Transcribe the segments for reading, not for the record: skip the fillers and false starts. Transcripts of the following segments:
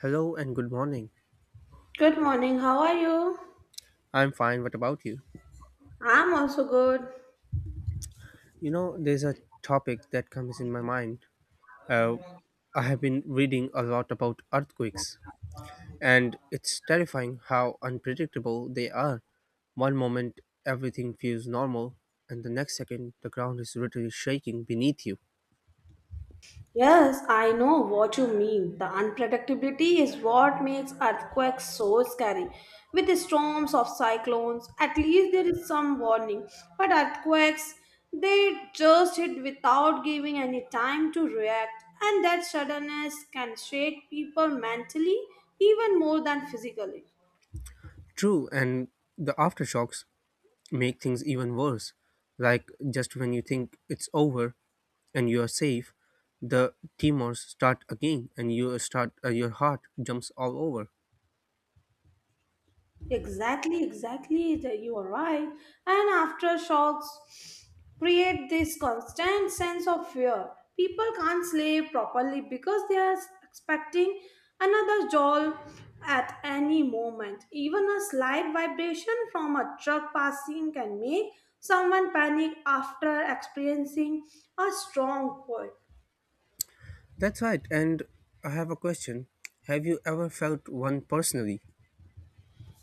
Hello and good morning. Good morning, how are you? I'm fine. What about you? I'm also good. You know, there's a topic that comes in my mind. Uh, I have been reading a lot about earthquakes, and it's terrifying how unpredictable they are. One moment, everything feels normal, and the next second, the ground is literally shaking beneath you. Yes, I know what you mean. The unpredictability is what makes earthquakes so scary. With the storms of cyclones, at least there is some warning. But earthquakes, they just hit without giving any time to react, and that suddenness can shake people mentally even more than physically. True, and the aftershocks make things even worse. Like just when you think it's over and you are safe, the Timors start again, and you start your heart jumps all over. Exactly, exactly. You are right. And aftershocks create this constant sense of fear. People can't sleep properly because they are expecting another jolt at any moment. Even a slight vibration from a truck passing can make someone panic after experiencing a strong quake. That's right. And I have a question. Have you ever felt one personally?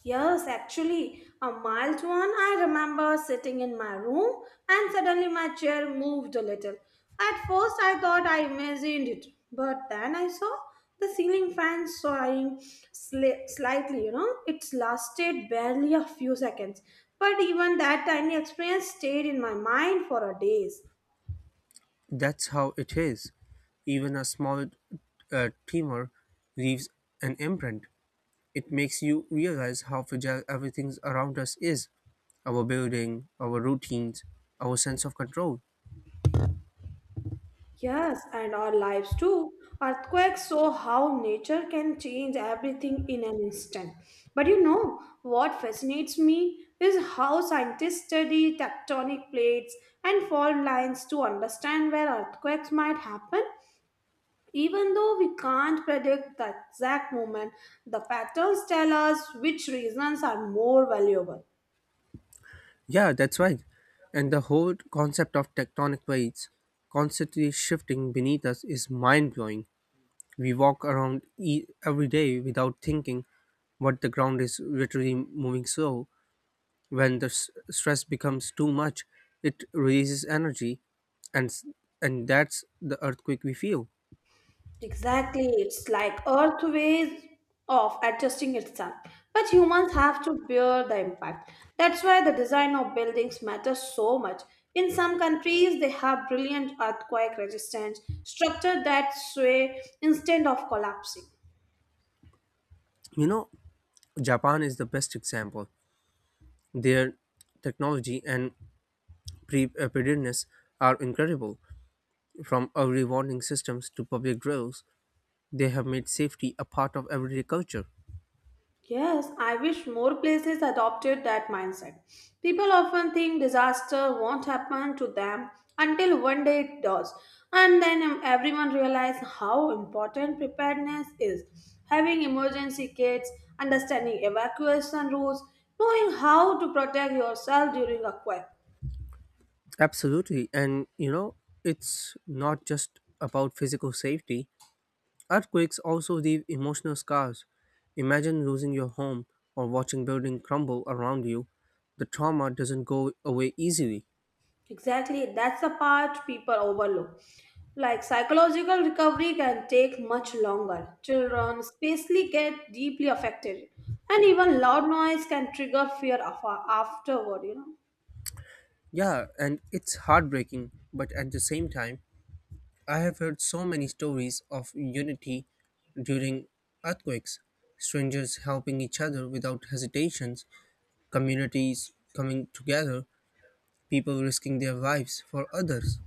Yes, actually, a mild one. I remember sitting in my room and suddenly my chair moved a little. At first, I thought I imagined it, but then I saw the ceiling fan soaring slightly. It lasted barely a few seconds, but even that tiny experience stayed in my mind for a days. That's how it is. Even a small tremor leaves an imprint. It makes you realize how fragile everything around us is, our building, our routines, our sense of control. Yes, and our lives too. Earthquakes show how nature can change everything in an instant. But you know, what fascinates me is how scientists study tectonic plates and fault lines to understand where earthquakes might happen. Even though we can't predict the exact moment, the patterns tell us which reasons are more valuable. Yeah, that's right. And the whole concept of tectonic plates constantly shifting beneath us is mind blowing. We walk around every day without thinking, but the ground is literally moving slow. When the stress becomes too much, it releases energy, and s- and that's the earthquake we feel. Exactly, it's like Earth ways of adjusting itself. But humans have to bear the impact. That's why the design of buildings matters so much. In some countries, they have brilliant earthquake resistant structure that sway instead of collapsing. You know, Japan is the best example. Their technology and preparedness are incredible, from early warning systems to public drills they have made safety a part of everyday culture. Yes, I wish more places adopted that mindset. People often think disaster won't happen to them until one day it does. And then everyone realizes how important preparedness is. Having emergency kits, understanding evacuation rules, knowing how to protect yourself during a quake. Absolutely. And, you know, it's not just about physical safety. Earthquakes also leave emotional scars. Imagine losing your home or watching building crumble around you. The trauma doesn't go away easily. Exactly, that's the part people overlook. Like psychological recovery can take much longer. Children especially get deeply affected, and even loud noise can trigger fear afterward. Yeah, and it's heartbreaking, but at the same time, I have heard so many stories of unity during earthquakes, strangers helping each other without hesitations, communities coming together, people risking their lives for others.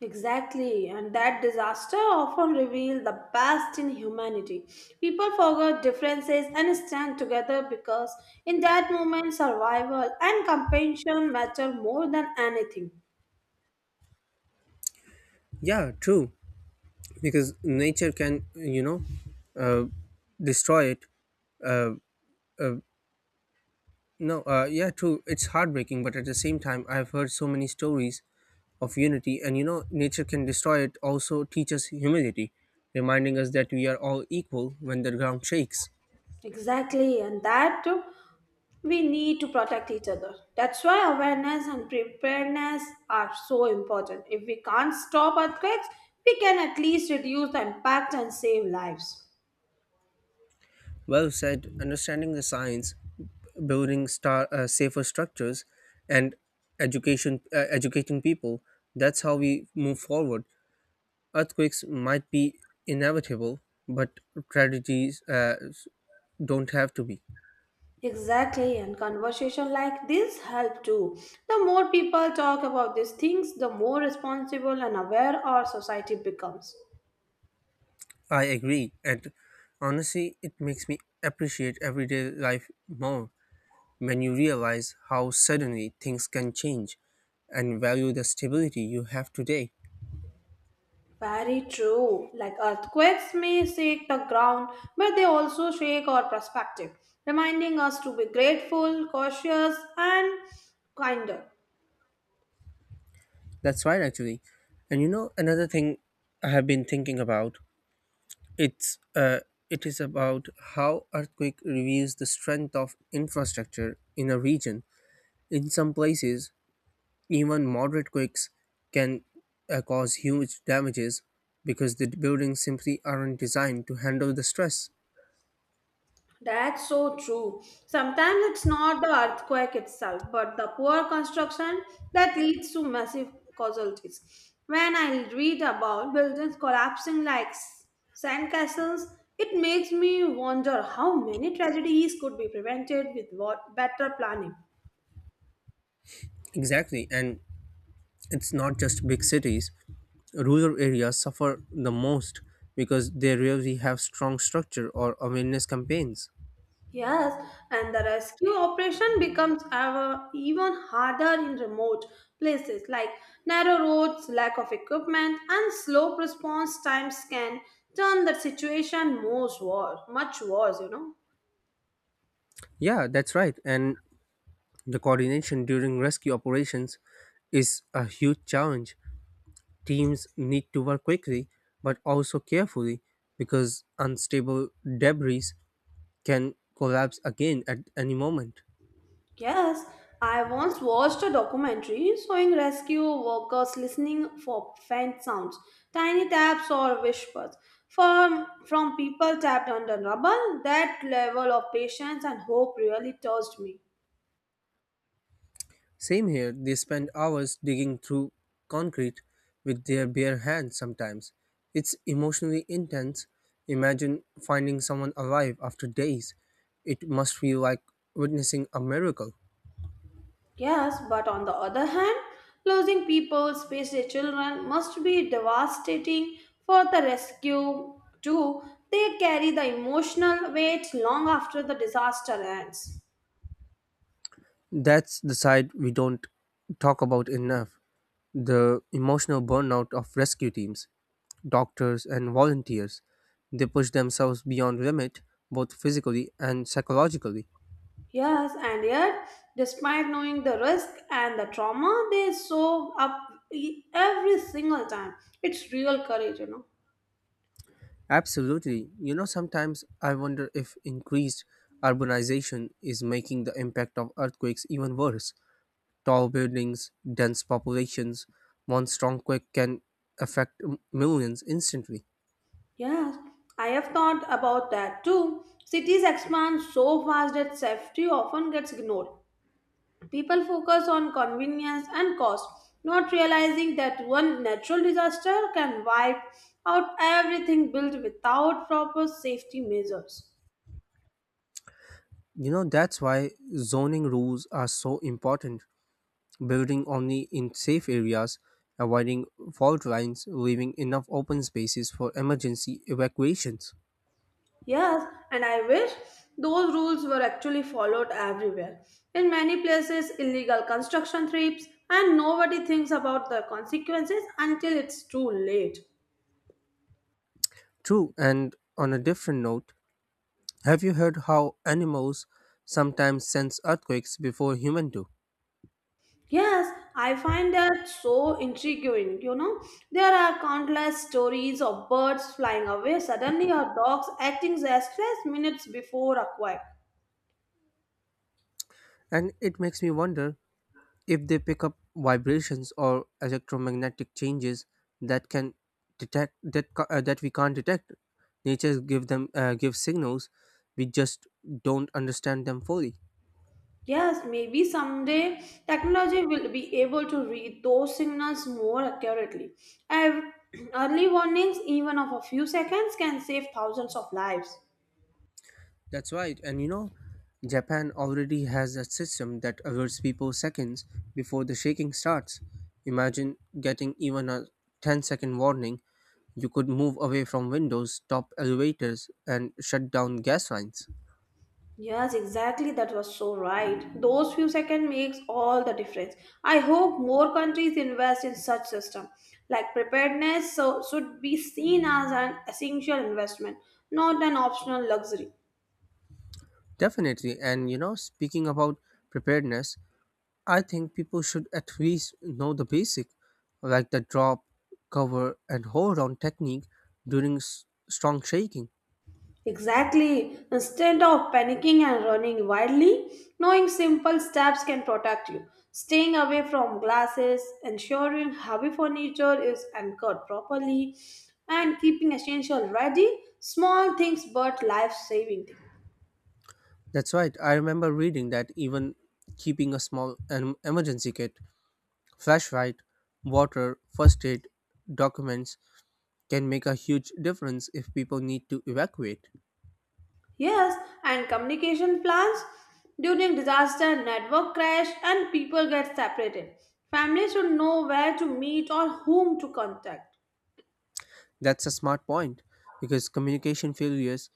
Exactly, and that disaster often reveals the best in humanity. People forget differences and stand together because, in that moment, survival and compassion matter more than anything. Yeah, true. Because nature can, uh, destroy it. No, yeah, true. It's heartbreaking, but at the same time, I've heard so many stories of unity, and nature can destroy it. Also, teach us humility, reminding us that we are all equal when the ground shakes. Exactly, and that too, we need to protect each other. That's why awareness and preparedness are so important. If we can't stop earthquakes, we can at least reduce the impact and save lives. Well said. Understanding the science, building safer structures, and education educating people. That's how we move forward. Earthquakes might be inevitable, but tragedies don't have to be. Exactly, and conversation like this help too. The more people talk about these things, the more responsible and aware our society becomes. I agree, and honestly, it makes me appreciate everyday life more when you realize how suddenly things can change, and value the stability you have today. Very true. Like earthquakes may shake the ground, but they also shake our perspective, reminding us to be grateful, cautious, and kinder. That's right, actually. And you know, another thing I have been thinking about it's uh, it is about how earthquake reveals the strength of infrastructure in a region. In some places, even moderate quakes can cause huge damages because the buildings simply aren't designed to handle the stress. That's so true. Sometimes it's not the earthquake itself, but the poor construction that leads to massive casualties. When I read about buildings collapsing like sandcastles, it makes me wonder how many tragedies could be prevented with what better planning. Exactly, and it's not just big cities. Rural areas suffer the most because they rarely have strong structure or awareness campaigns. Yes, and the rescue operation becomes ever even harder in remote places like narrow roads, lack of equipment, and slow response times can turn the situation most worse, much worse. Yeah, that's right. And the coordination during rescue operations is a huge challenge. Teams need to work quickly but also carefully because unstable debris can collapse again at any moment. Yes, I once watched a documentary showing rescue workers listening for faint sounds, tiny taps or whispers from people trapped under rubble. That level of patience and hope really touched me. Same here, they spend hours digging through concrete with their bare hands sometimes. It's emotionally intense. Imagine finding someone alive after days. It must feel like witnessing a miracle. Yes, but on the other hand, losing people, especially children, must be devastating for the rescue too. They carry the emotional weight long after the disaster ends. That's the side we don't talk about enough, the emotional burnout of rescue teams, doctors, and volunteers. They push themselves beyond limit, both physically and psychologically. Yes, and yet, despite knowing the risk and the trauma, they show up every single time. It's real courage. Absolutely. You know, sometimes I wonder if increased urbanization is making the impact of earthquakes even worse. Tall buildings, dense populations, one strong quake can affect millions instantly. Yes, I have thought about that too. Cities expand so fast that safety often gets ignored. People focus on convenience and cost, not realizing that one natural disaster can wipe out everything built without proper safety measures. You know, that's why zoning rules are so important. Building only in safe areas, avoiding fault lines, leaving enough open spaces for emergency evacuations. Yes, and I wish those rules were actually followed everywhere. In many places, illegal construction trips, and nobody thinks about the consequences until it's too late. True, and on a different note, have you heard how animals sometimes sense earthquakes before humans do? Yes, I find that so intriguing. You know, there are countless stories of birds flying away suddenly or dogs acting restless minutes before a quack. And it makes me wonder if they pick up vibrations or electromagnetic changes that can detect that we can't detect. Nature give them give signals we just don't understand them fully. Yes, maybe someday technology will be able to read those signals more accurately. Ev- Early warnings, even of a few seconds, can save thousands of lives. That's right. And you know, Japan already has a system that alerts people seconds before the shaking starts. Imagine getting even a ten-second warning. You could move away from windows, stop elevators, and shut down gas lines. Yes, exactly. That was so right. Those few seconds makes all the difference. I hope more countries invest in such system. Like preparedness so, should be seen as an essential investment, not an optional luxury. Definitely. And you know, speaking about preparedness, I think people should at least know the basic, like the drop, cover, and hold on technique during strong shaking. Exactly. Instead of panicking and running wildly, knowing simple steps can protect you. Staying away from glasses, ensuring heavy furniture is anchored properly, and keeping essential ready, small things but life-saving things. That's right. I remember reading that even keeping a small emergency kit, flashlight, water, first aid, documents can make a huge difference if people need to evacuate. Yes, and communication plans during disaster, network crash, and people get separated. Families should know where to meet or whom to contact. That's a smart point because communication failures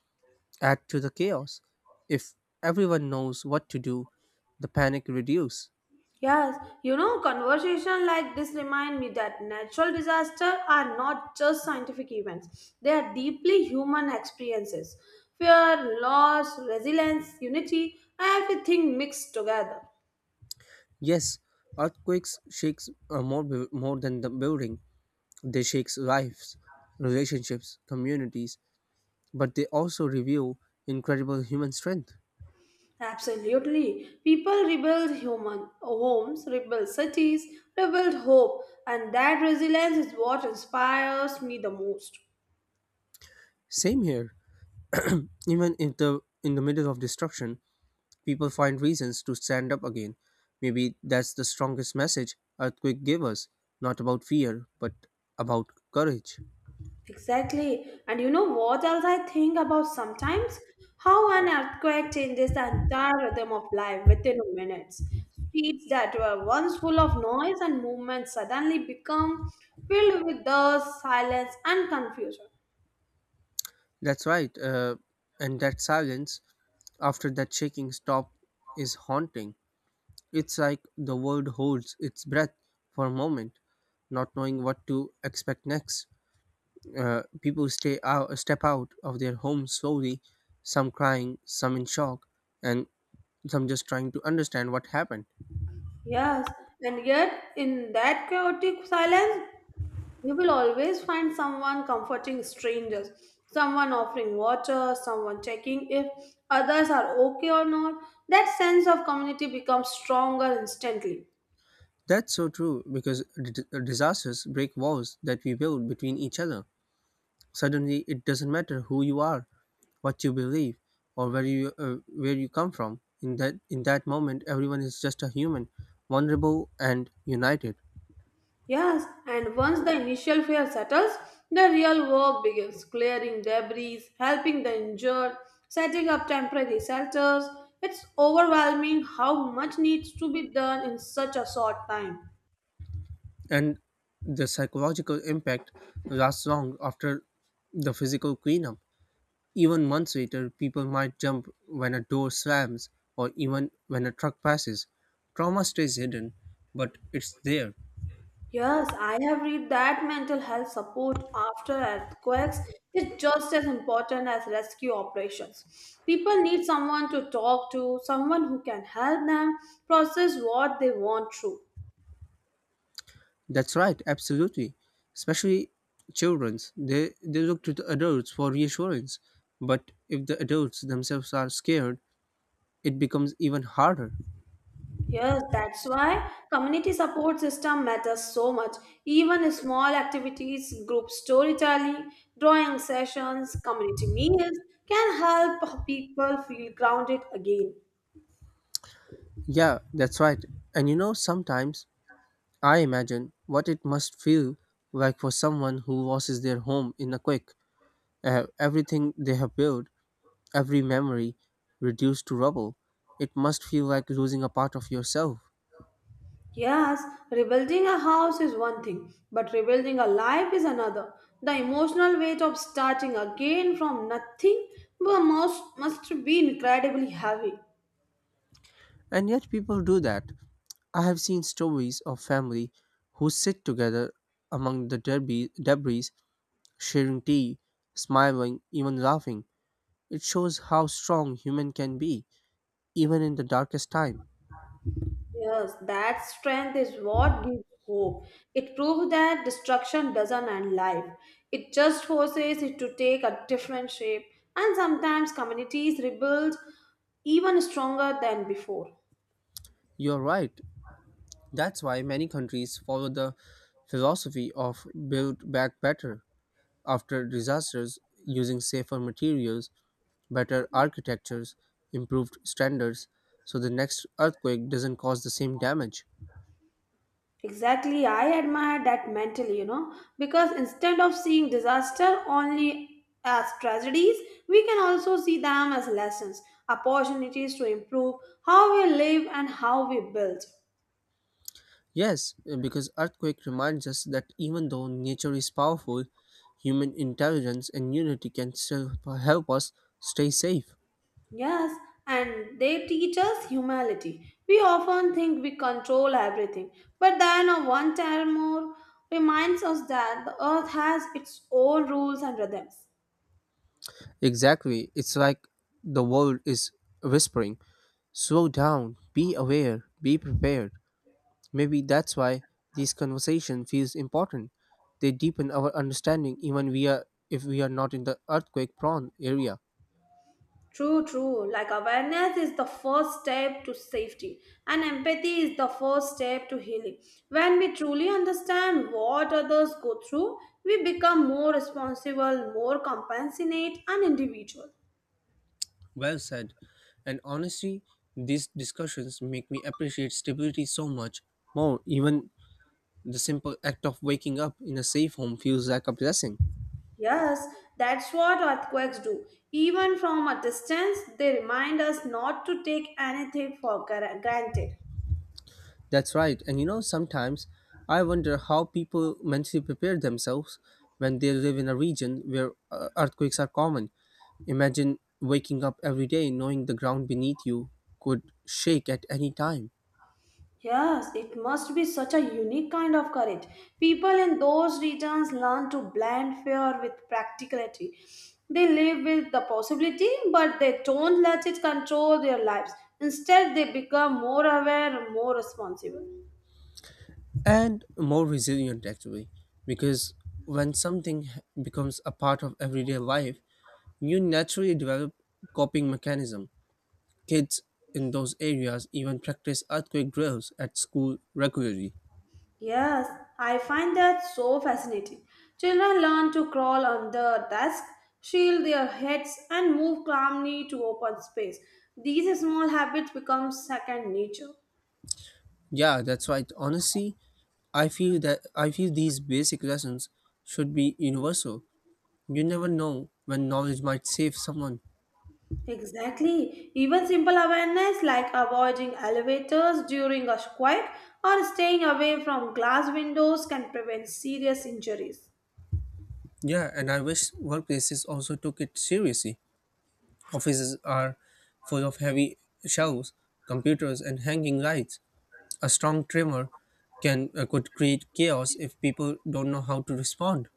add to the chaos. If everyone knows what to do, the panic reduce. Yes, you know, conversation like this remind me that natural disasters are not just scientific events. They are deeply human experiences. Fear, loss, resilience, unity, everything mixed together. Yes, earthquakes shakes more more than the building. They shakes lives, relationships, communities, but they also reveal incredible human strength. Absolutely. People rebuild human homes, rebuild cities, rebuild hope, and that resilience is what inspires me the most. Same here. Even in the middle of destruction, people find reasons to stand up again. Maybe that's the strongest message earthquake gave us, not about fear, but about courage. Exactly. And you know what else I think about sometimes? How an earthquake changes the entire rhythm of life within minutes. Streets that were once full of noise and movement suddenly become filled with dust, silence, and confusion. That's right. And that silence after that shaking stop is haunting. It's like the world holds its breath for a moment, not knowing what to expect next. People stay out, step out of their homes slowly, some crying, some in shock, and some just trying to understand what happened. Yes, and yet in that chaotic silence, you will always find someone comforting strangers, someone offering water, someone checking if others are okay or not. That sense of community becomes stronger instantly. That's so true because disasters break walls that we build between each other. Suddenly, it doesn't matter who you are, what you believe, or where you come from. In that moment, everyone is just a human, vulnerable and united. Yes, and once the initial fear settles, the real work begins clearing debris, helping the injured, setting up temporary shelters. It's overwhelming how much needs to be done in such a short time. And the psychological impact lasts long after the physical cleanup. Even months later, people might jump when a door slams or even when a truck passes. Trauma stays hidden, but it's there. Yes, I have read that mental health support after earthquakes is just as important as rescue operations. People need someone to talk to, someone who can help them process what they want through. That's right, absolutely. Especially children's. They look to the adults for reassurance. But if the adults themselves are scared, it becomes even harder. Yes, that's why community support system matters so much. Even small activities, group storytelling, drawing sessions, community meals can help people feel grounded again. Yeah, that's right. And you know, sometimes I imagine what it must feel like for someone who loses their home in a quake. Everything they have built, every memory reduced to rubble. It must feel like losing a part of yourself. Yes, rebuilding a house is one thing, but rebuilding a life is another. The emotional weight of starting again from nothing must be incredibly heavy. And yet people do that. I have seen stories of family who sit together among the debris sharing tea, smiling, even laughing. It shows how strong human can be, even in the darkest time. Yes, that strength is what gives hope. It proves that destruction doesn't end life, it just forces it to take a different shape, and sometimes communities rebuild even stronger than before. You're right. That's why many countries follow the philosophy of build back better after disasters using safer materials, better architectures, improved standards, so the next earthquake doesn't cause the same damage. Exactly, I admire that mentally, because instead of seeing disaster only as tragedies, we can also see them as lessons, opportunities to improve how we live and how we build. Yes, because earthquake reminds us that even though nature is powerful, human intelligence and unity can still help us stay safe. Yes, and they teach us humility. We often think we control everything, but then a one terror more reminds us that the earth has its own rules and rhythms. Exactly. It's like the world is whispering, slow down, be aware, be prepared. Maybe that's why this conversation feels important. They deepen our understanding even we are if we are not in the earthquake prone area. True, true. Like awareness is the first step to safety, and empathy is the first step to healing. When we truly understand what others go through, we become more responsible, more compassionate, and individual. Well said. And honestly, these discussions make me appreciate stability so much more. Even the simple act of waking up in a safe home feels like a blessing. Yes, that's what earthquakes do. Even from a distance, they remind us not to take anything for granted. That's right. And you know, sometimes I wonder how people mentally prepare themselves when they live in a region where earthquakes are common. Imagine waking up every day knowing the ground beneath you could shake at any time. Yes, it must be such a unique kind of courage. People in those regions learn to blend fear with practicality. They live with the possibility, but they don't let it control their lives. Instead, they become more aware, more responsible. And more resilient actually, because when something becomes a part of everyday life, you naturally develop coping mechanism. Kids in those areas even practice earthquake drills at school regularly. Yes, I find that so fascinating. Children learn to crawl under desks, shield their heads, and move calmly to open space. These small habits become second nature. Yeah, that's right. Honestly, I feel these basic lessons should be universal. You never know when knowledge might save someone. Exactly. Even simple awareness like avoiding elevators during a quake or staying away from glass windows can prevent serious injuries. Yeah, and I wish workplaces also took it seriously. Offices are full of heavy shelves, computers, and hanging lights. A strong tremor can could create chaos if people don't know how to respond.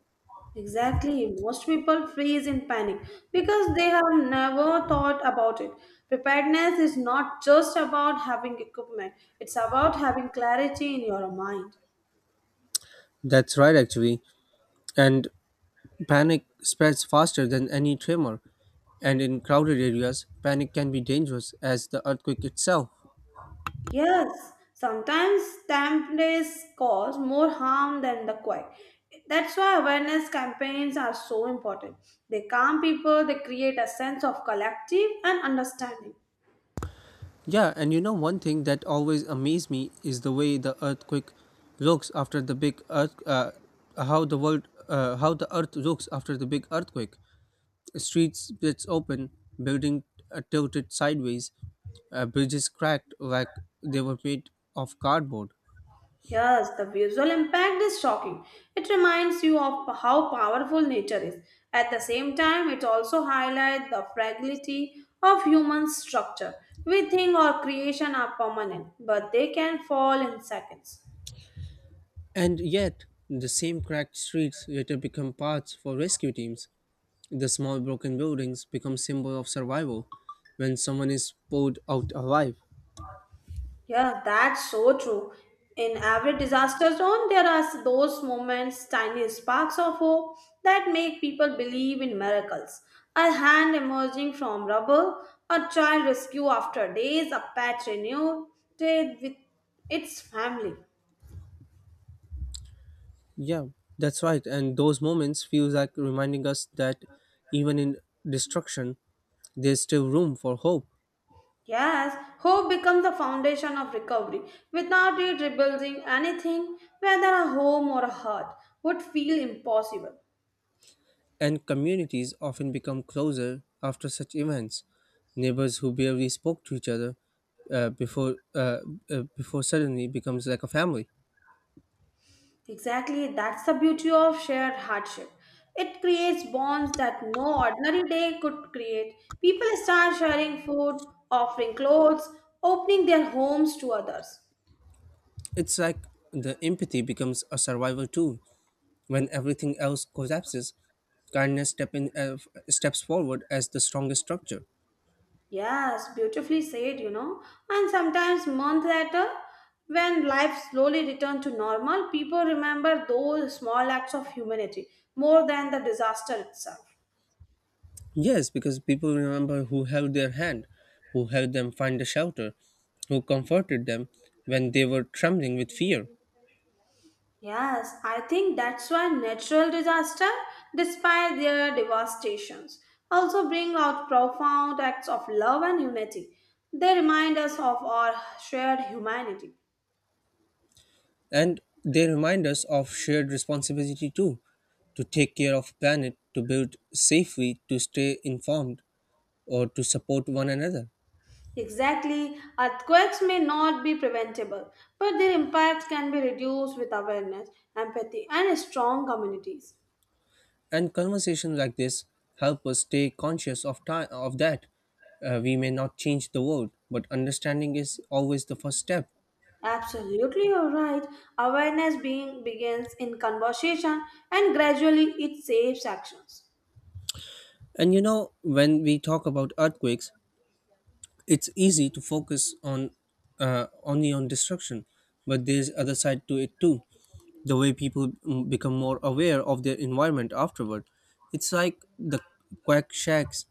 Exactly. Most people freeze in panic because they have never thought about it. Preparedness is not just about having equipment, it's about having clarity in your mind. That's right, actually. And panic spreads faster than any tremor. And in crowded areas, panic can be dangerous as the earthquake itself. Yes, sometimes dampness cause more harm than the quiet. That's why awareness campaigns are so important. They calm people, they create a sense of collective and understanding. Yeah, and you know, one thing that always amazed me is the way the earthquake looks after the big earth, how the world, how the earth looks after the big earthquake. The street splits open, building tilted sideways, bridges cracked like they were made of cardboard. Yes, the visual impact is shocking. It reminds you of how powerful nature is. At the same time, it also highlights the fragility of human structure. We think our creation are permanent, but they can fall in seconds. And yet, the same cracked streets later become paths for rescue teams. The small broken buildings become symbol of survival when someone is pulled out alive. Yeah, that's so true. In every disaster zone, there are those moments, tiny sparks of hope that make people believe in miracles. A hand emerging from rubble, a child rescued after days, a pet renewed with its family. Yeah, that's right. And those moments feels like reminding us that even in destruction, there's still room for hope. Yes, hope becomes the foundation of recovery. Without it, rebuilding anything, whether a home or a heart, would feel impossible. And communities often become closer after such events. Neighbors who barely spoke to each other uh, before uh, before suddenly becomes like a family. Exactly, that's the beauty of shared hardship. It creates bonds that no ordinary day could create. People start sharing food, offering clothes, opening their homes to others. It's like the empathy becomes a survival tool when everything else collapses. Kindness steps forward as the strongest structure. Yes, beautifully said. And sometimes months later, when life slowly returns to normal, people remember those small acts of humanity more than the disaster itself. Yes, because people remember who held their hand, who helped them find a shelter, who comforted them when they were trembling with fear. Yes, I think that's why natural disaster, despite their devastations, also bring out profound acts of love and unity. They remind us of our shared humanity. And they remind us of shared responsibility too, to take care of planet, to build safely, to stay informed, or to support one another. Exactly, earthquakes may not be preventable, but their impact can be reduced with awareness, empathy, and strong communities. And conversations like this help us stay conscious of time of that. We may not change the world, but understanding is always the first step. Absolutely, you're right. Awareness being begins in conversation and gradually it saves actions. And you know, when we talk about earthquakes, it's easy to focus on only on destruction, but there's other side to it too, the way people become more aware of their environment afterward. It's like the quack shacks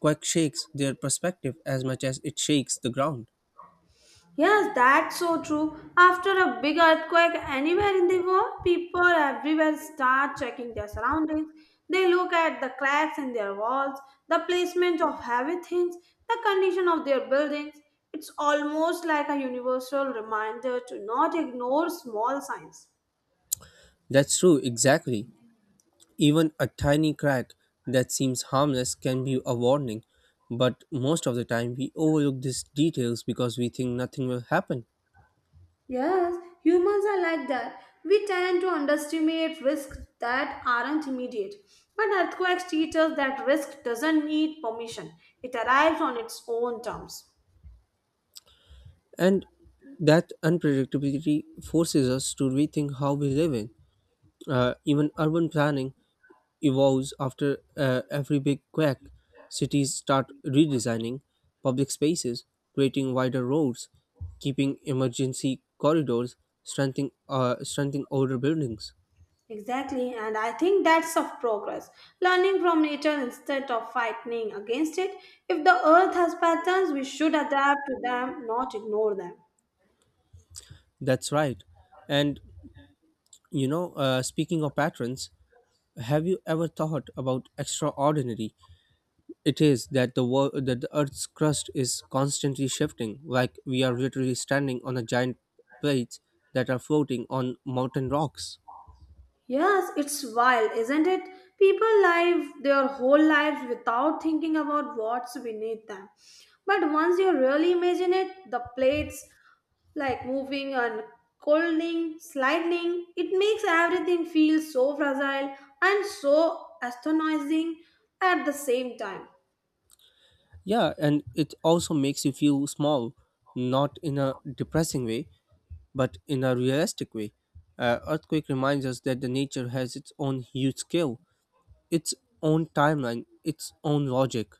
quack shakes their perspective as much as it shakes the ground. Yes, that's so true. After a big earthquake anywhere in the world, people everywhere start checking their surroundings. They look at the cracks in their walls, the placement of heavy things, the condition of their buildings. It's almost like a universal reminder to not ignore small signs. That's true, exactly. Even a tiny crack that seems harmless can be a warning, but most of the time we overlook these details because we think nothing will happen. Yes, humans are like that. We tend to underestimate risks that aren't immediate. But earthquakes teach us that risk doesn't need permission, it arrives on its own terms. And that unpredictability forces us to rethink how we live in. Even urban planning evolves after every big quake. Cities start redesigning public spaces, creating wider roads, keeping emergency corridors, strengthening older buildings. Exactly, and I think that's of progress. Learning from nature instead of fighting against it. If the earth has patterns, we should adapt to them, not ignore them. That's right. And you know, speaking of patterns, have you ever thought about extraordinary? It is that the world, that the Earth's crust is constantly shifting, like we are literally standing on a giant plates that are floating on mountain rocks. Yes, it's wild, isn't it? People live their whole lives without thinking about what's beneath them. But once you really imagine it, the plates like moving and colding, sliding, it makes everything feel so fragile and so astonishing at the same time. Yeah, and it also makes you feel small, not in a depressing way, but in a realistic way. Earthquake reminds us that the nature has its own huge scale, its own timeline, its own logic.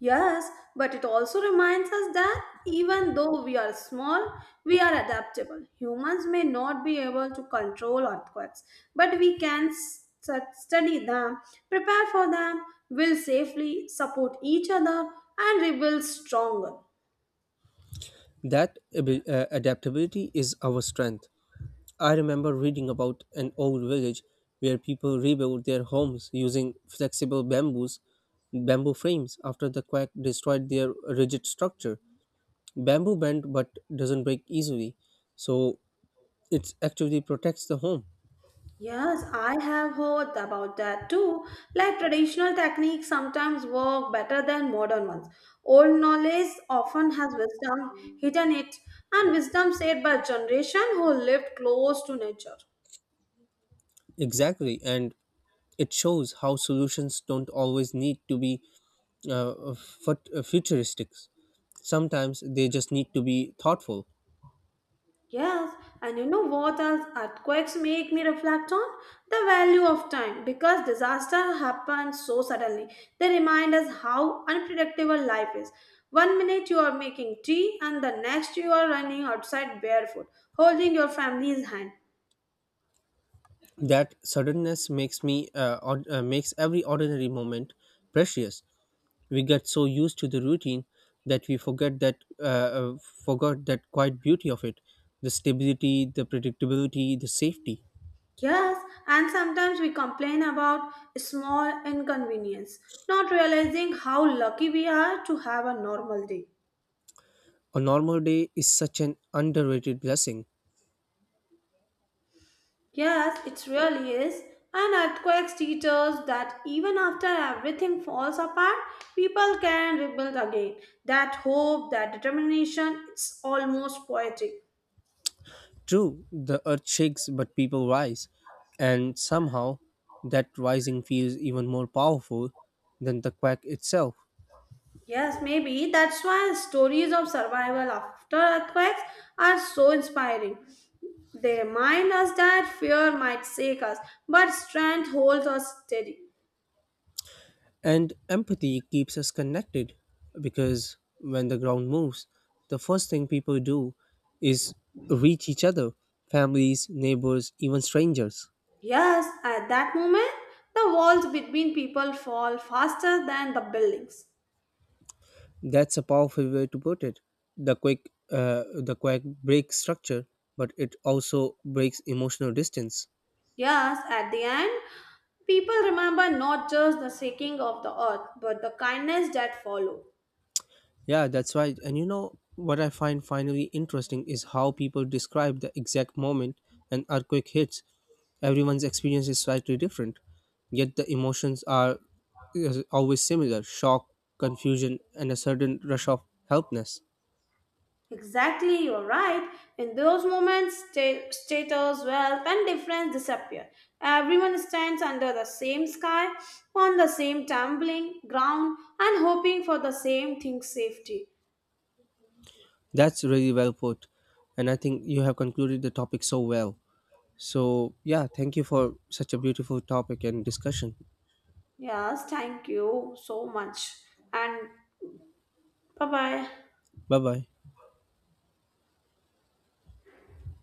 Yes, but it also reminds us that even though we are small, we are adaptable. Humans may not be able to control earthquakes, but we can study them, prepare for them, will safely support each other, and rebuild stronger. That adaptability is our strength. I remember reading about an old village where people rebuilt their homes using flexible bamboo frames after the quake destroyed their rigid structure. Bamboo bend but doesn't break easily, so it actually protects the home. Yes, I have heard about that too. Like traditional techniques sometimes work better than modern ones. Old knowledge often has wisdom hidden it, and wisdom said by generation who lived close to nature. Exactly, and it shows how solutions don't always need to be futuristic. Sometimes they just need to be thoughtful. Yes, and you know what else earthquakes make me reflect on? The value of time because disaster happens so suddenly. They remind us how unpredictable life is. One minute you are making tea, and the next you are running outside barefoot, holding your family's hand. That suddenness makes every ordinary moment precious. We get so used to the routine that we forget that uh, forgot that quiet beauty of it, the stability, the predictability, the safety. Yes, and sometimes we complain about small inconvenience, not realizing how lucky we are to have a normal day. A normal day is such an underrated blessing. Yes, it really is. And earthquakes teach us that even after everything falls apart, people can rebuild again. That hope, that determination, it's almost poetic. True, the earth shakes but people rise, and somehow that rising feels even more powerful than the quake itself. Yes, maybe that's why stories of survival after earthquakes are so inspiring. They remind us that fear might shake us, but strength holds us steady. And empathy keeps us connected because when the ground moves, the first thing people do is reach each other, families, neighbors, even strangers. Yes, at that moment, the walls between people fall faster than the buildings. That's a powerful way to put it. The quick breaks structure, but it also breaks emotional distance. Yes, at the end, people remember not just the shaking of the earth, but the kindness that follow. Yeah, that's right. And you know what I find finally interesting is how people describe the exact moment an earthquake hits. Everyone's experience is slightly different, yet the emotions are always similar, shock, confusion, and a certain rush of helplessness. Exactly, you're right. In those moments, status, wealth, and difference disappear. Everyone stands under the same sky, on the same tumbling ground, and hoping for the same thing safety. That's really well put. And I think you have concluded the topic so well. So, yeah, thank you for such a beautiful topic and discussion. Yes, thank you so much. And bye bye. Bye bye.